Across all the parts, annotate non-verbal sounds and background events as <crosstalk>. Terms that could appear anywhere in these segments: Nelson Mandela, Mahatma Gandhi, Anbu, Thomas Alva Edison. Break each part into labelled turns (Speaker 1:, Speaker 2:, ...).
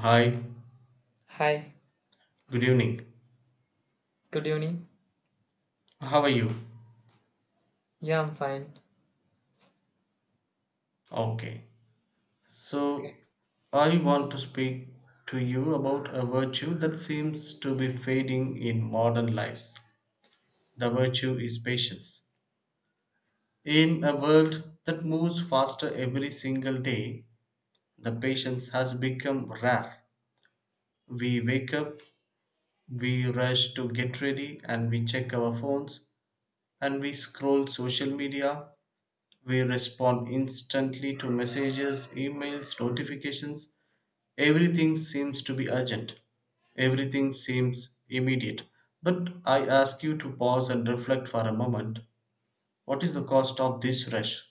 Speaker 1: Hi,
Speaker 2: Hi,
Speaker 1: good evening.
Speaker 2: good evening.
Speaker 1: How are you?
Speaker 2: Yeah, I'm fine.
Speaker 1: Okay.
Speaker 2: Okay.
Speaker 1: So, I want to speak to you about a virtue that seems to be fading in modern lives. The virtue is patience. In a world that moves faster every single day, the patience has become rare. We wake up, we rush to get ready, and we check our phones, and we scroll social media, we respond instantly to messages, emails, notifications. Everything seems to be urgent. Everything seems immediate. But I ask you to pause and reflect for a moment. What is the cost of this rush?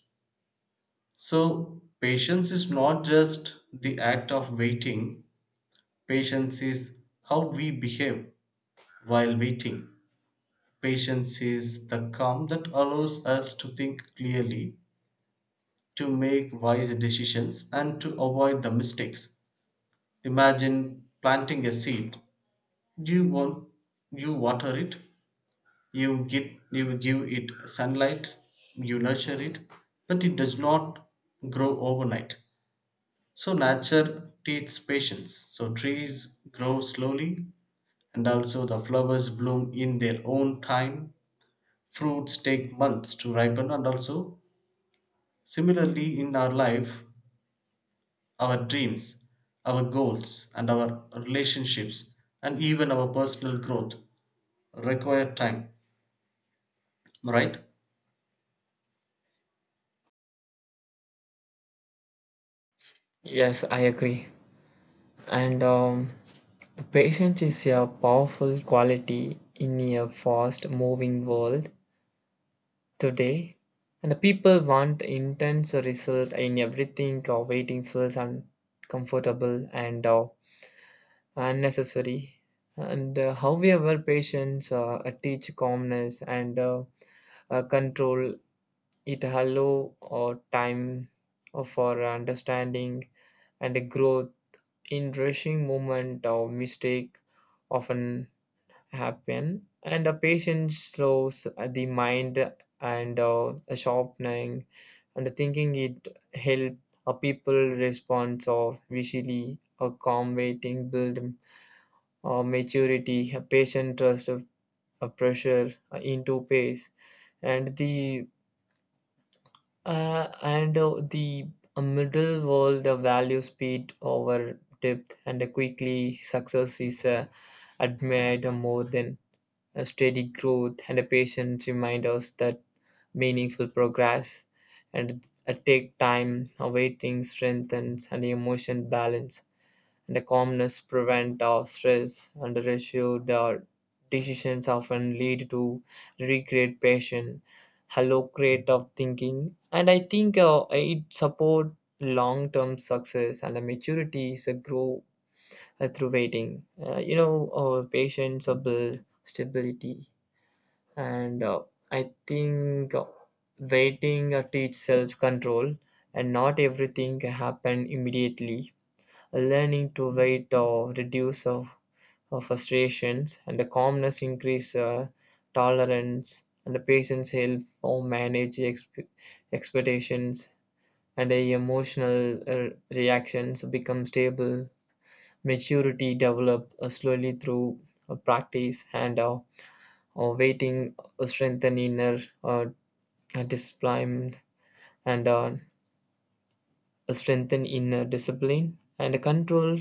Speaker 1: So, patience is not just the act of waiting, patience is how we behave while waiting. Patience is the calm that allows us to think clearly, to make wise decisions and to avoid the mistakes. Imagine planting a seed. You want you water it, you give it sunlight, you nurture it, but it does not grow overnight. So nature teaches patience. So trees grow slowly and also the flowers bloom in their own time. Fruits take months to ripen, and also similarly in our life, our dreams, our goals, and our relationships, and even our personal growth, require time, right?
Speaker 2: Yes, I agree. And Patience is a powerful quality in a fast moving world today. And the people want intense result in everything, or waiting feels uncomfortable and unnecessary. And However, patience teach calmness and control. It allow time for understanding and a growth in rushing movement or mistake often happen and the patience slows the mind and sharpening and thinking it help a people response of visually a calm waiting build maturity a patient trust of a pressure into pace and the middle wall, the value speed over depth, and quickly success is admired more than a steady growth, and a patient remind us that meaningful progress and take time, awaiting strengthens and emotion balance and the calmness prevents stress, and the uh, decisions often lead to regret, passion, hallucinate of thinking. And I think it support long-term success and the maturity is a grow through waiting. You know, patience build stability, and I think waiting teach self-control, and not everything happen immediately learning to wait or reduce of frustrations and the calmness increase tolerance and the patience help or manage expectations and the emotional reactions become stable maturity develop slowly through practice and waiting strengthen inner uh, discipline and uh, and control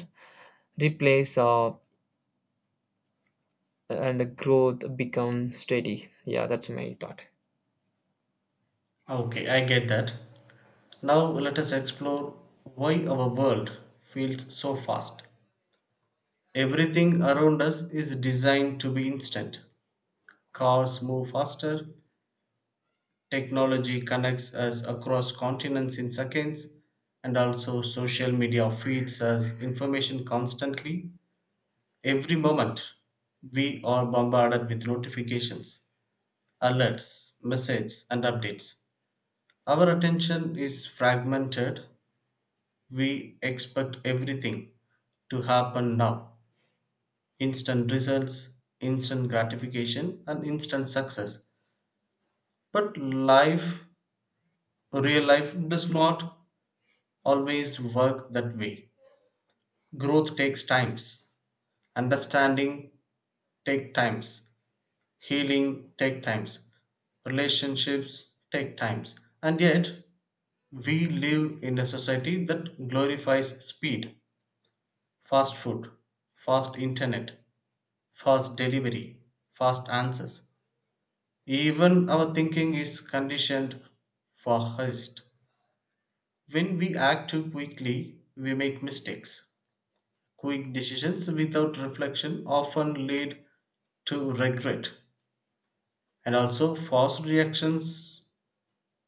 Speaker 2: replace and growth become steady. Yeah, that's my thought.
Speaker 1: Okay, I get that. Now let us explore why our world feels so fast. Everything around us is designed to be instant. Cars move faster, technology connects us across continents in seconds, and also social media feeds us information constantly. Every moment we are bombarded with notifications, alerts, messages, and updates. Our attention is fragmented. We expect everything to happen now: instant results, instant gratification, and instant success. But life, real life, does not always work that way. Growth takes times, understanding takes times, healing take times. Relationships take times. And yet we live in a society that glorifies speed, fast food, fast internet, fast delivery, fast answers. Even our thinking is conditioned for haste. When we act too quickly, we make mistakes. Quick decisions without reflection often lead to regret, and also forced reactions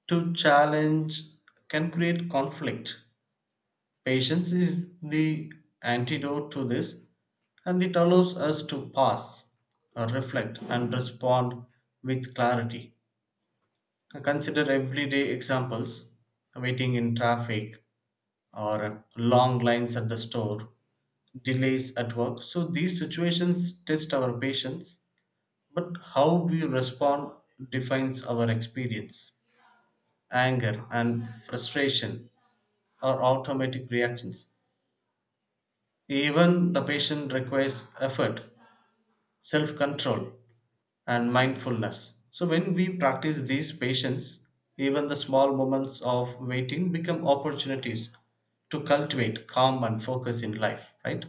Speaker 1: to challenge can create conflict. Patience is the antidote to this, and it allows us to pause, reflect, and respond with clarity. Consider everyday examples: waiting in traffic or long lines at the store, delays at work. So, these situations test our patience, but how we respond defines our experience. Anger and frustration or automatic reactions. Even the patient requires effort, self control, and mindfulness. So, when we practice these patience, even the small moments of waiting become opportunities to cultivate calm and focus in life, right?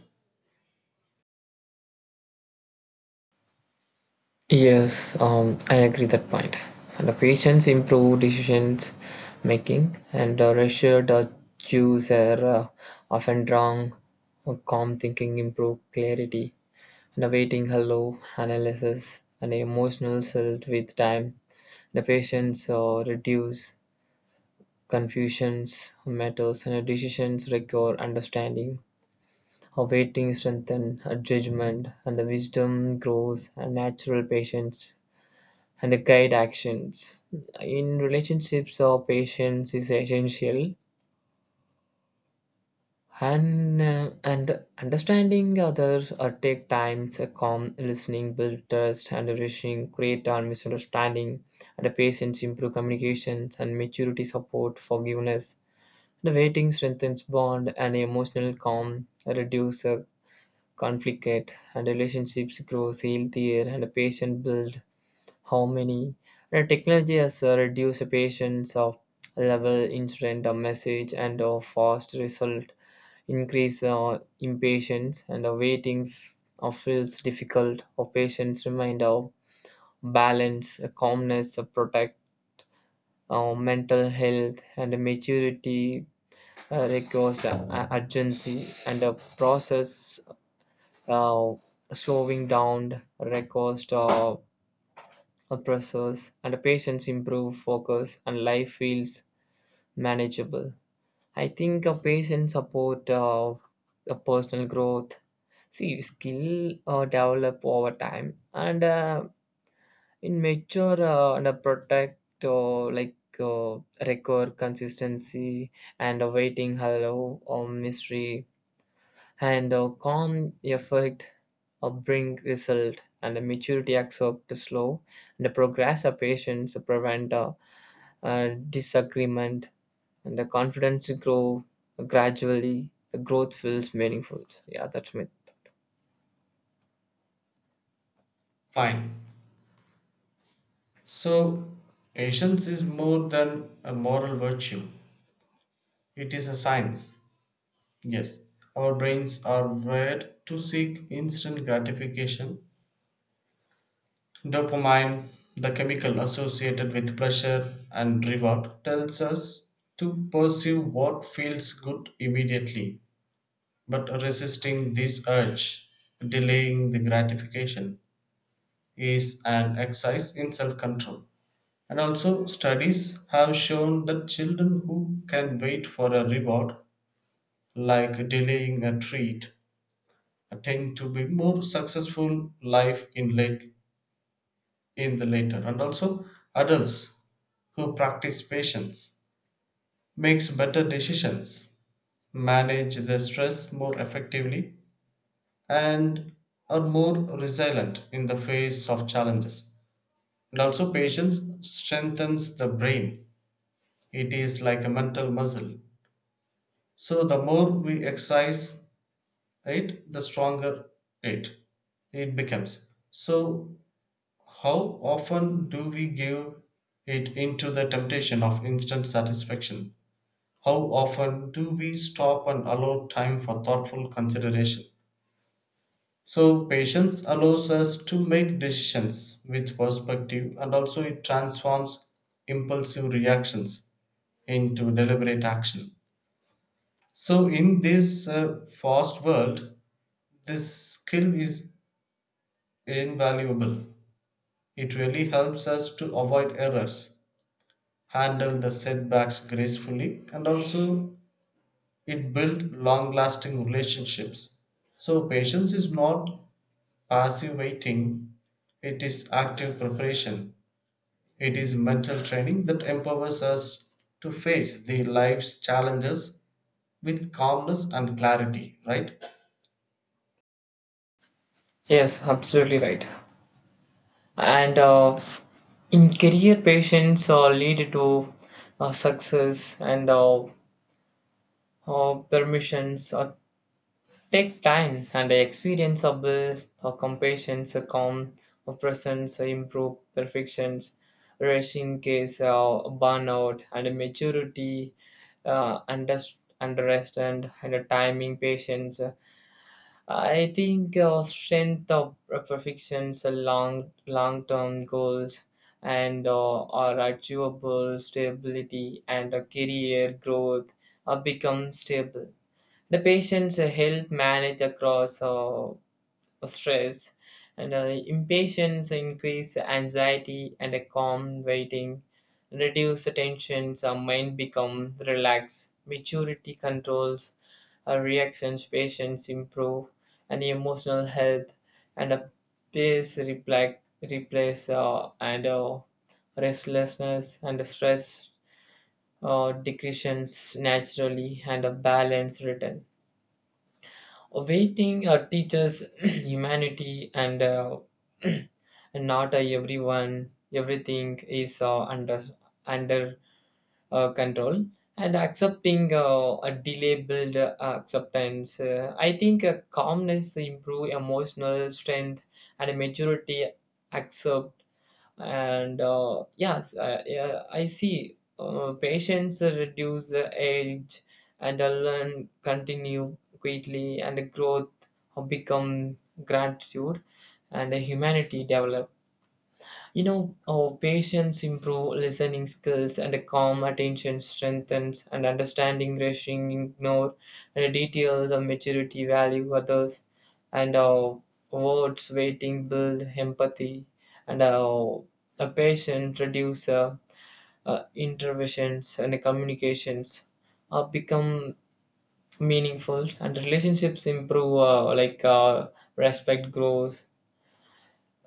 Speaker 2: Yes, I agree that point. And the patients improve decisions making, and reassured choose are often wrong. Calm thinking improve clarity, and the waiting hello analysis and emotional self with time. The patients reduce confusions matters, and the decisions require understanding. Her waiting strengthens her judgment, and the wisdom grows, and natural patience and the guide actions. In relationships, our patience is essential, and understanding others take time. A calm listening build trust, and rushing create our misunderstanding. And the patience improve communications and maturity support forgiveness. The waiting strengthens bond and emotional calm reduce conflict and relationships grows healthier and a patient build harmony. And technology has reduced the patients of level instant a message and a fast result increase impatience and a waiting feels difficult or patients remind of balance a calmness a protect mental health and a maturity requires a urgency and a process uh, slowing down records oppressors and patients improve focus and life feels manageable. I think a patient support a personal growth, see skill develop over time and in mature and protect record consistency and awaiting hello or mystery and a calm effort a bring result and the maturity accept the slow and the progress of patience prevent a disagreement and the confidence grow gradually the growth feels meaningful. Yeah, that's me.
Speaker 1: Fine. So, patience is more than a moral virtue, it is a science. Yes, our brains are wired to seek instant gratification. Dopamine, the chemical associated with pleasure and reward, tells us to pursue what feels good immediately. But resisting this urge, delaying the gratification, is an exercise in self control. And also, studies have shown that children who can wait for a reward, like delaying a treat, tend to be more successful life in late in the later. And also, adults who practice patience, makes better decisions, manage their stress more effectively, and are more resilient in the face of challenges. And also, patience strengthens the brain. It is like a mental muscle. So, the more we exercise it, the stronger it it becomes. So, how often do we give it into the temptation of instant satisfaction? How often do we stop and allow time for thoughtful consideration? So, patience allows us to make decisions with perspective, and also it transforms impulsive reactions into deliberate action. So, in this fast world, this skill is invaluable. It really helps us to avoid errors, handle the setbacks gracefully, and also it builds long lasting relationships. So, patience is not passive waiting, it is active preparation. It is mental training that empowers us to face the life's challenges with calmness and clarity, right?
Speaker 2: Yes, absolutely right. And in career patience lead to success and permissions or take time and the experience of the or compassions a calm a presence a improve perfections rushing case burnout and maturity understand and a timing patience. I think strength of perfections long long term goals and are achievable stability and a career growth become stable. The patients help manage across stress and impatience increase anxiety and a calm waiting reduce the tensions our mind become relaxed maturity controls our reactions patients improve and emotional health and a pace reflect replace and restlessness and stress decreases naturally and a balance return. Waiting teaches <clears throat> humanity, and <clears throat> and not everything is under control. And accepting a delay build acceptance. I think calmness improve emotional strength and maturity accept and yes I see patients reduce the age and learn continue quickly and growth become gratitude and humanity develop. You know, our patients improve listening skills and a calm attention strengthens and understanding rushing ignore and the details of maturity value others and words waiting build empathy and a patient reduce interventions and the communications become meaningful and relationships improve respect grows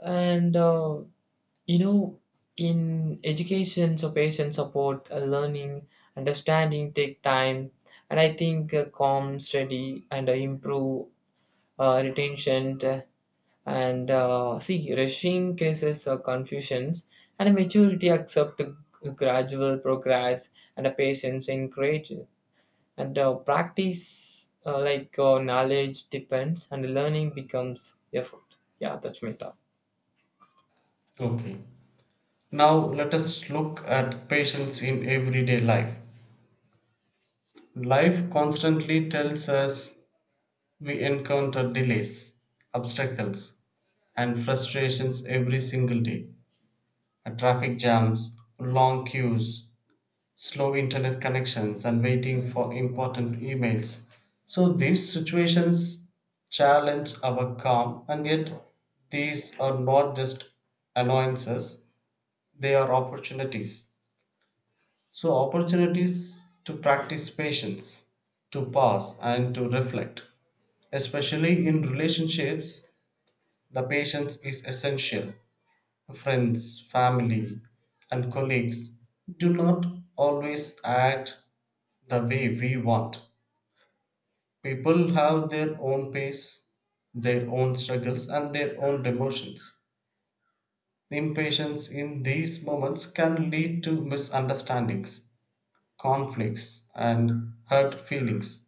Speaker 2: and you know, in education, so patient support, learning, understanding take time, and I think calm, steady, and improve retention. And See, rushing cases confusions, and maturity accept gradual progress, and a patience encourage, and practice knowledge depends, and learning becomes effort. Yeah, that's my thought.
Speaker 1: Okay. Now let us look at patience in everyday life. Life constantly tells us we encounter delays, obstacles, and frustrations every single day. Traffic jams, long queues, slow internet connections, and waiting for important emails. So, these situations challenge our calm, and yet these are not just annoyances, they are opportunities. So, opportunities to practice patience, to pause, and to reflect. Especially in relationships, the patience is essential. Friends, family, and colleagues do not always act the way we want. People have their own pace, their own struggles, and their own emotions. Impatience in these moments can lead to misunderstandings, conflicts, and hurt feelings.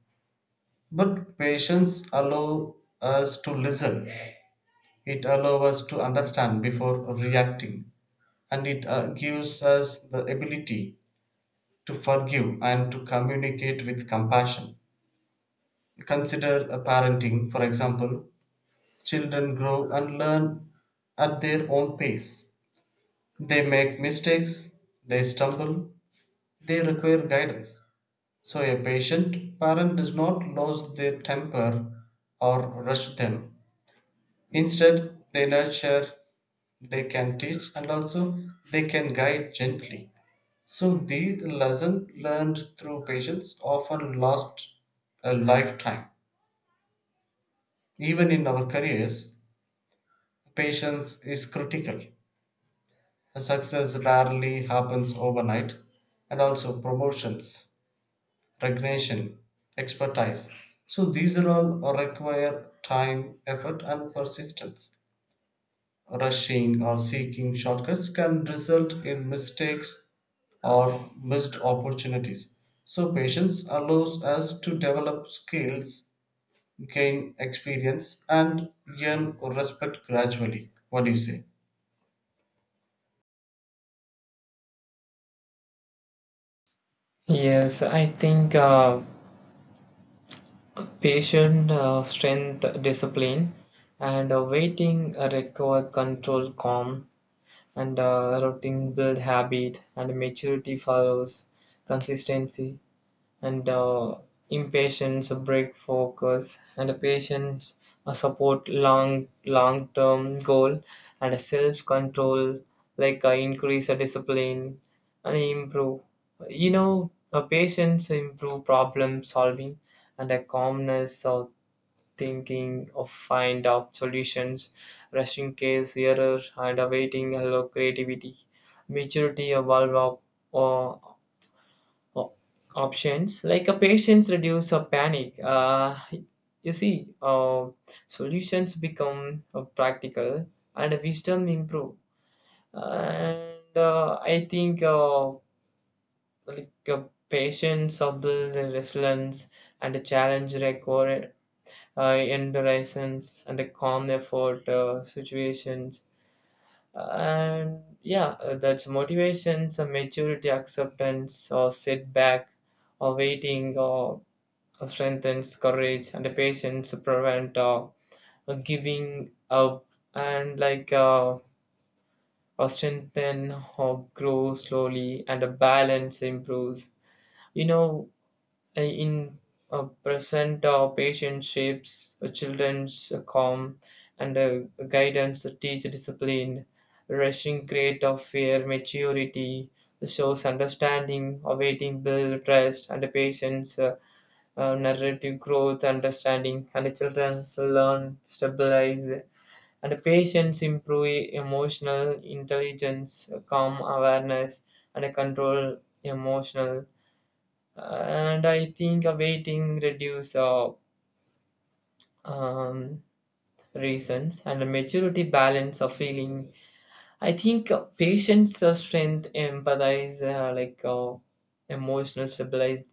Speaker 1: But patience allows us to listen. It allows us to understand before reacting, and it gives us the ability to forgive and to communicate with compassion. Consider a parenting, for example. Children grow and learn at their own pace. They make mistakes, they stumble, they require guidance. So, a patient parent does not lose their temper or rush them. Instead, they nurture, they can teach, and also they can guide gently. So these lesson learned through patience often last a lifetime. Even in our careers, patience is critical. Success rarely happens overnight, and also promotions, recognition, expertise. So these are all require time, effort, and persistence. Rushing or seeking shortcuts can result in mistakes or missed opportunities. So, patience allows us to develop skills, gain experience, and earn respect gradually. What do you say?
Speaker 2: Yes, I think patient strength, discipline, and waiting require control, calm, and routine build habit, and maturity follows consistency and impatience, a break focus, and a patience, a support long long term goal, and a self control increase a discipline and improve. You know, a patience improve problem solving and a calmness of thinking of find out solutions, rushing case error and awaiting hello creativity, maturity evolve up or o- options like a patience reduce a panic. You see, uh, solutions become practical and wisdom improve. And uh, i think like uh, patience build resilience and a challenge required endurance and a calm effort situations and yeah, that's motivations maturity acceptance or setback or waiting or strengthens courage and patience prevent giving up and strengthen or grow slowly and a balance improves. You know, in present patient shapes children's calm and guidance to teach discipline rushing create of fear maturity shows understanding awaiting build trust and patience narrative growth, understanding, and the children learn stabilize and patience improve emotional intelligence, calm awareness, and control emotional. And I think a waiting reduce um, reasons and a maturity balance of feeling. I think patience strength empathize emotional stabilize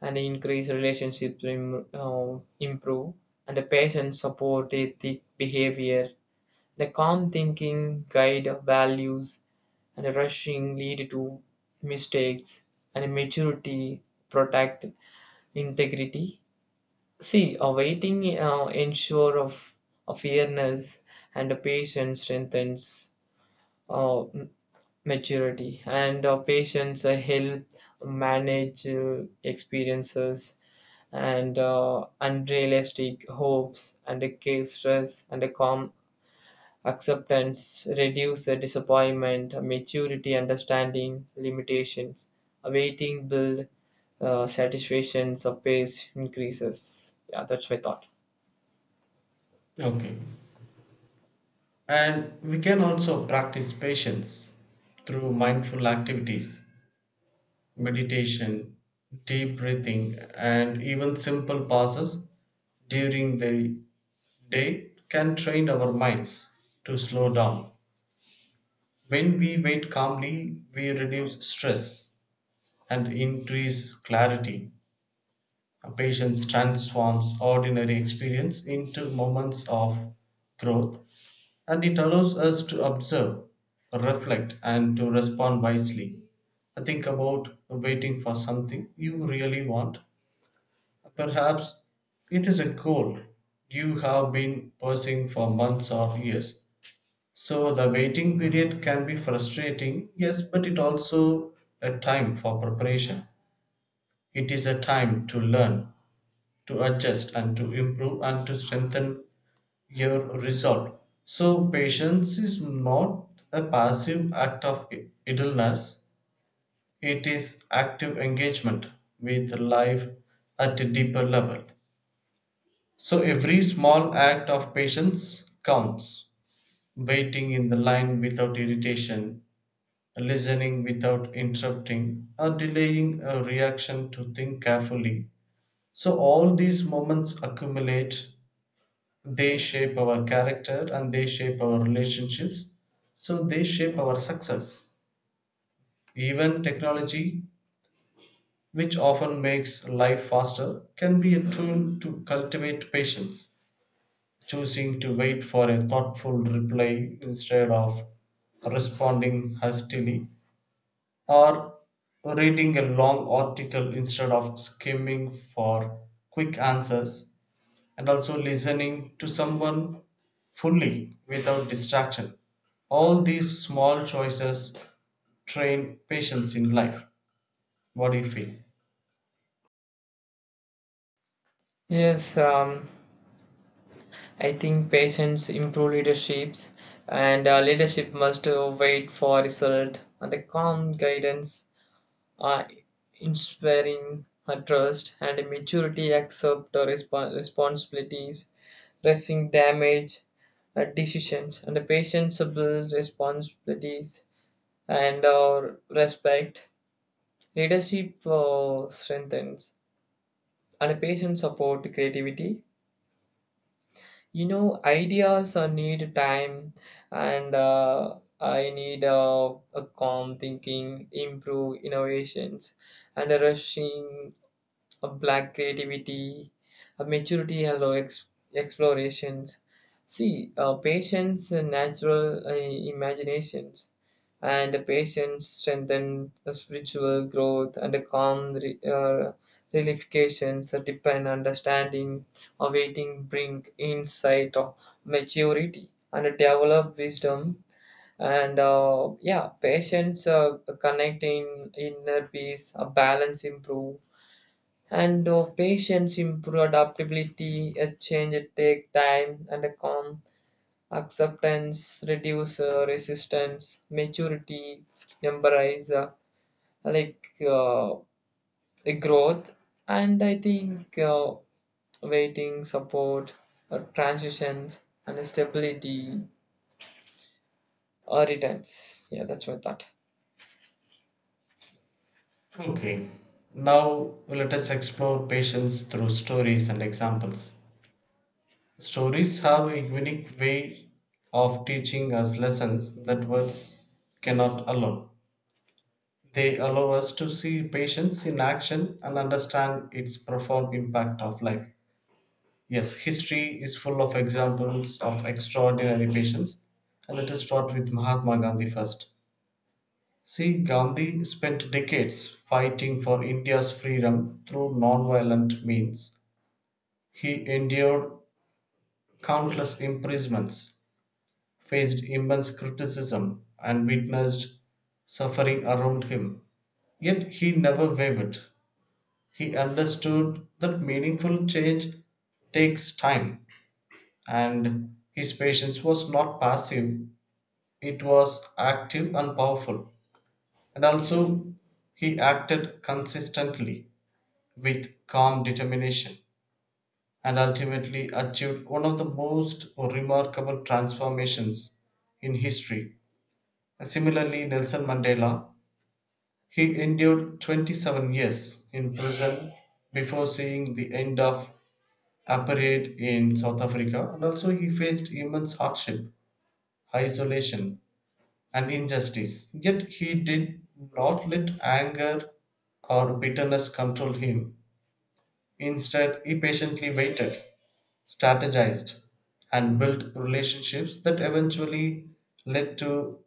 Speaker 2: and increase relationships improve and the patient support ethic behavior the calm thinking guide values and the rushing lead to mistakes and maturity protect integrity, see awaiting ensure of fairness and the patient strengthens uh, m- maturity and patients help manage experiences and unrealistic hopes and a case stress and a calm acceptance reduce the disappointment maturity understanding limitations awaiting build satisfaction of pace increases. Yeah, that's my thought.
Speaker 1: Okay. And we can also practice patience through mindful activities: meditation, deep breathing, and even simple pauses during the day can train our minds to slow down. When we wait calmly, we reduce stress and increase clarity. A patience transforms ordinary experience into moments of growth, and it allows us to observe, reflect, and to respond wisely. Think about waiting for something you really want. Perhaps it is a goal you have been pursuing for months or years. So the waiting period can be frustrating, yes, but it also a time for preparation. It is a time to learn, to adjust and to improve and to strengthen your resolve. So patience is not a passive act of idleness, it is active engagement with life at a deeper level. So every small act of patience counts. Waiting in the line without irritation, listening without interrupting, or delaying a reaction to think carefully. So all these moments accumulate, they shape our character and they shape our relationships. So they shape our success. Even technology, which often makes life faster, can be a tool to cultivate patience. Choosing to wait for a thoughtful reply instead of responding hastily, or reading a long article instead of skimming for quick answers, and also listening to someone fully without distraction. All these small choices train patience in life. What do you feel?
Speaker 2: Yes, I think patients improve leaderships, and leadership must wait for result and the calm guidance uh, inspiring a trust and maturity accept the responsibilities, resting damage, decisions, and the patience build responsibilities and our respect. Leadership strengthens and patience support creativity. You know, ideas need time and I need a calm thinking, improve innovations and a rushing a black creativity, a maturity, hello explorations. See, patience, natural imaginations, and the patience strengthen the spiritual growth and the calm realifications that depend understanding, awaiting bring insight of maturity and develop wisdom and yeah patience connecting inner peace a balance improve and of patience improve adaptability a change take time and a calm acceptance reduce resistance maturity embrace like uh, a growth. And i think waiting support or transitions and stability or returns. Yeah, that's my thought.
Speaker 1: Okay, now let us explore patience through stories and examples. Stories have a unique way of teaching us lessons that words cannot alone. They allow us to see patience in action and understand its profound impact of life. Yes, history is full of examples of extraordinary patience. And let us start with Mahatma Gandhi first. See, Gandhi spent decades fighting for India's freedom through non-violent means. He endured countless imprisonments, faced immense criticism and witnessed suffering around him. Yet he never wavered. He understood that meaningful change takes time, and his patience was not passive, it was active and powerful. And also, he acted consistently with calm determination and ultimately achieved one of the most remarkable transformations in history. Similarly, Nelson Mandela, he endured 27 years in prison before seeing the end of apartheid in South Africa, and also he faced immense hardship, isolation and injustice. Yet he did not let anger or bitterness control him. Instead, he patiently waited, strategized and built relationships that eventually led to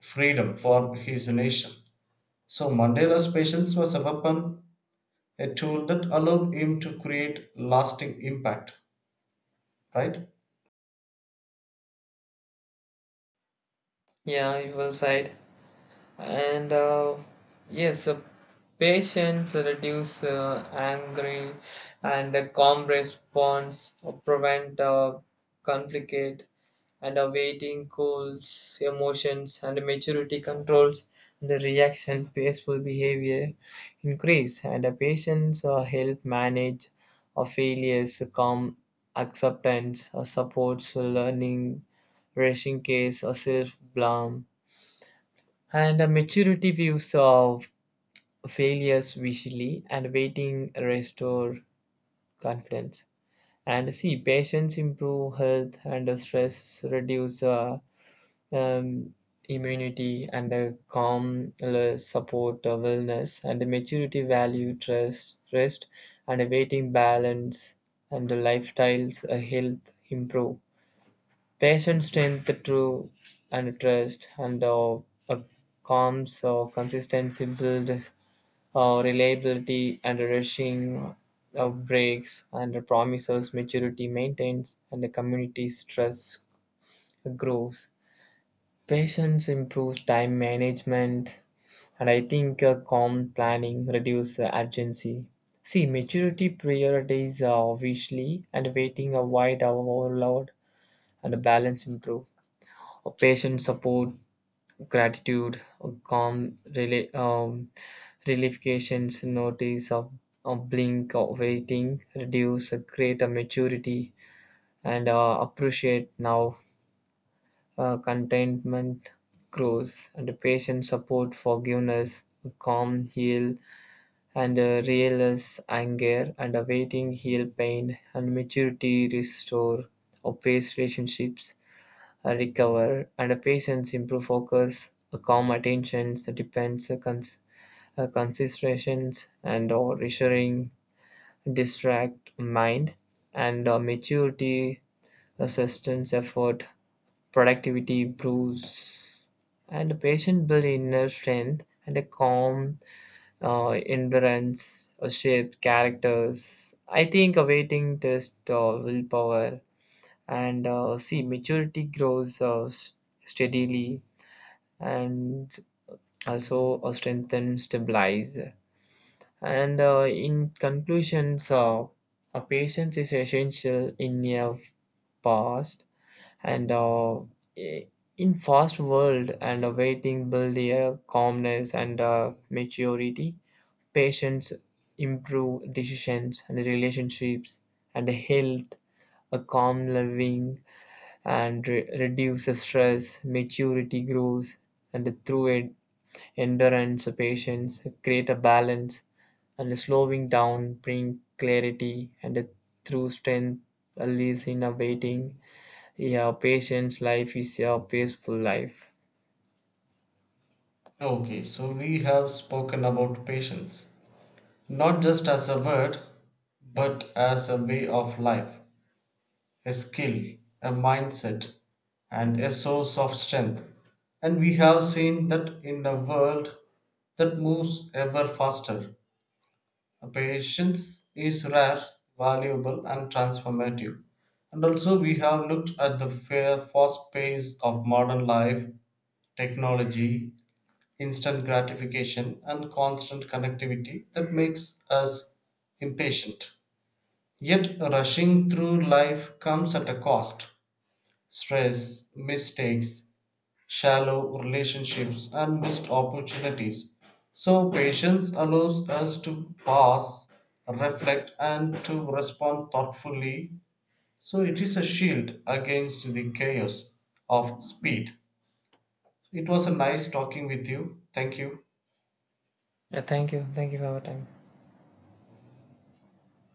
Speaker 1: freedom for his nation. So Mandela's patience was a weapon, a tool that allowed him to create lasting impact, right?
Speaker 2: Yeah, you will side. And yes, patience reduce angry and calm response prevent conflict and awaiting cools emotions and maturity controls the reaction peaceful behavior increase and patience help manage failures calm acceptance supports learning rushing case or self-blame and a maturity views of failures visually and waiting restore confidence. And see patients improve health and the stress reduce um, immunity and calm support wellness and the maturity value trust rest and a waiting balance and the lifestyles health improve. Patience strength through and trust and a calm so consistency builds reliability and rushing breaks and the promises maturity maintains and the community's trust grows. Patience improves time management and I think calm planning reduces urgency. See, maturity priorities are obviously and waiting avoid overload and balance improve. Patient support gratitude, calm relifications, notice of a blink of waiting, reduce, create a maturity, and appreciate now. Contentment grows, and patient support, forgiveness, calm heal, and realize anger, and awaiting heal pain, and maturity restore, or pace relationships recover, and patients improve focus, calm attentions, depends, considerations, and or reassuring, distract mind, and maturity, assistance, effort, productivity improves, and the patient build inner strength and a calm endurance, shape characters. I think a waiting test willpower and see maturity grows steadily and also strengthen, stabilize. And in conclusion, so a patience is essential in a past and i- in fast world and waiting build a calmness and maturity. Patience improve decisions and relationships and health. A calm living and reduces stress. Maturity grows and through it endurance, patience, create a balance, and slowing down bring clarity and through strength lies in a waiting. Yeah, patience life is a peaceful life.
Speaker 1: Okay, so we have spoken about patience not just as a word, but as a way of life, a skill, a mindset, and a source of strength. And we have seen that in a world that moves ever faster, patience is rare, valuable, and transformative. And also, we have looked at the fair, fast pace of modern life, technology, instant gratification, and constant connectivity that makes us impatient. Yet, rushing through life comes at a cost: stress, mistakes, shallow relationships, and missed opportunities. So, patience allows us to pause, reflect, and to respond thoughtfully. So, it is a shield against the chaos of speed. It was a nice talking with you. Thank you.
Speaker 2: Yeah, thank you. Thank you for your time.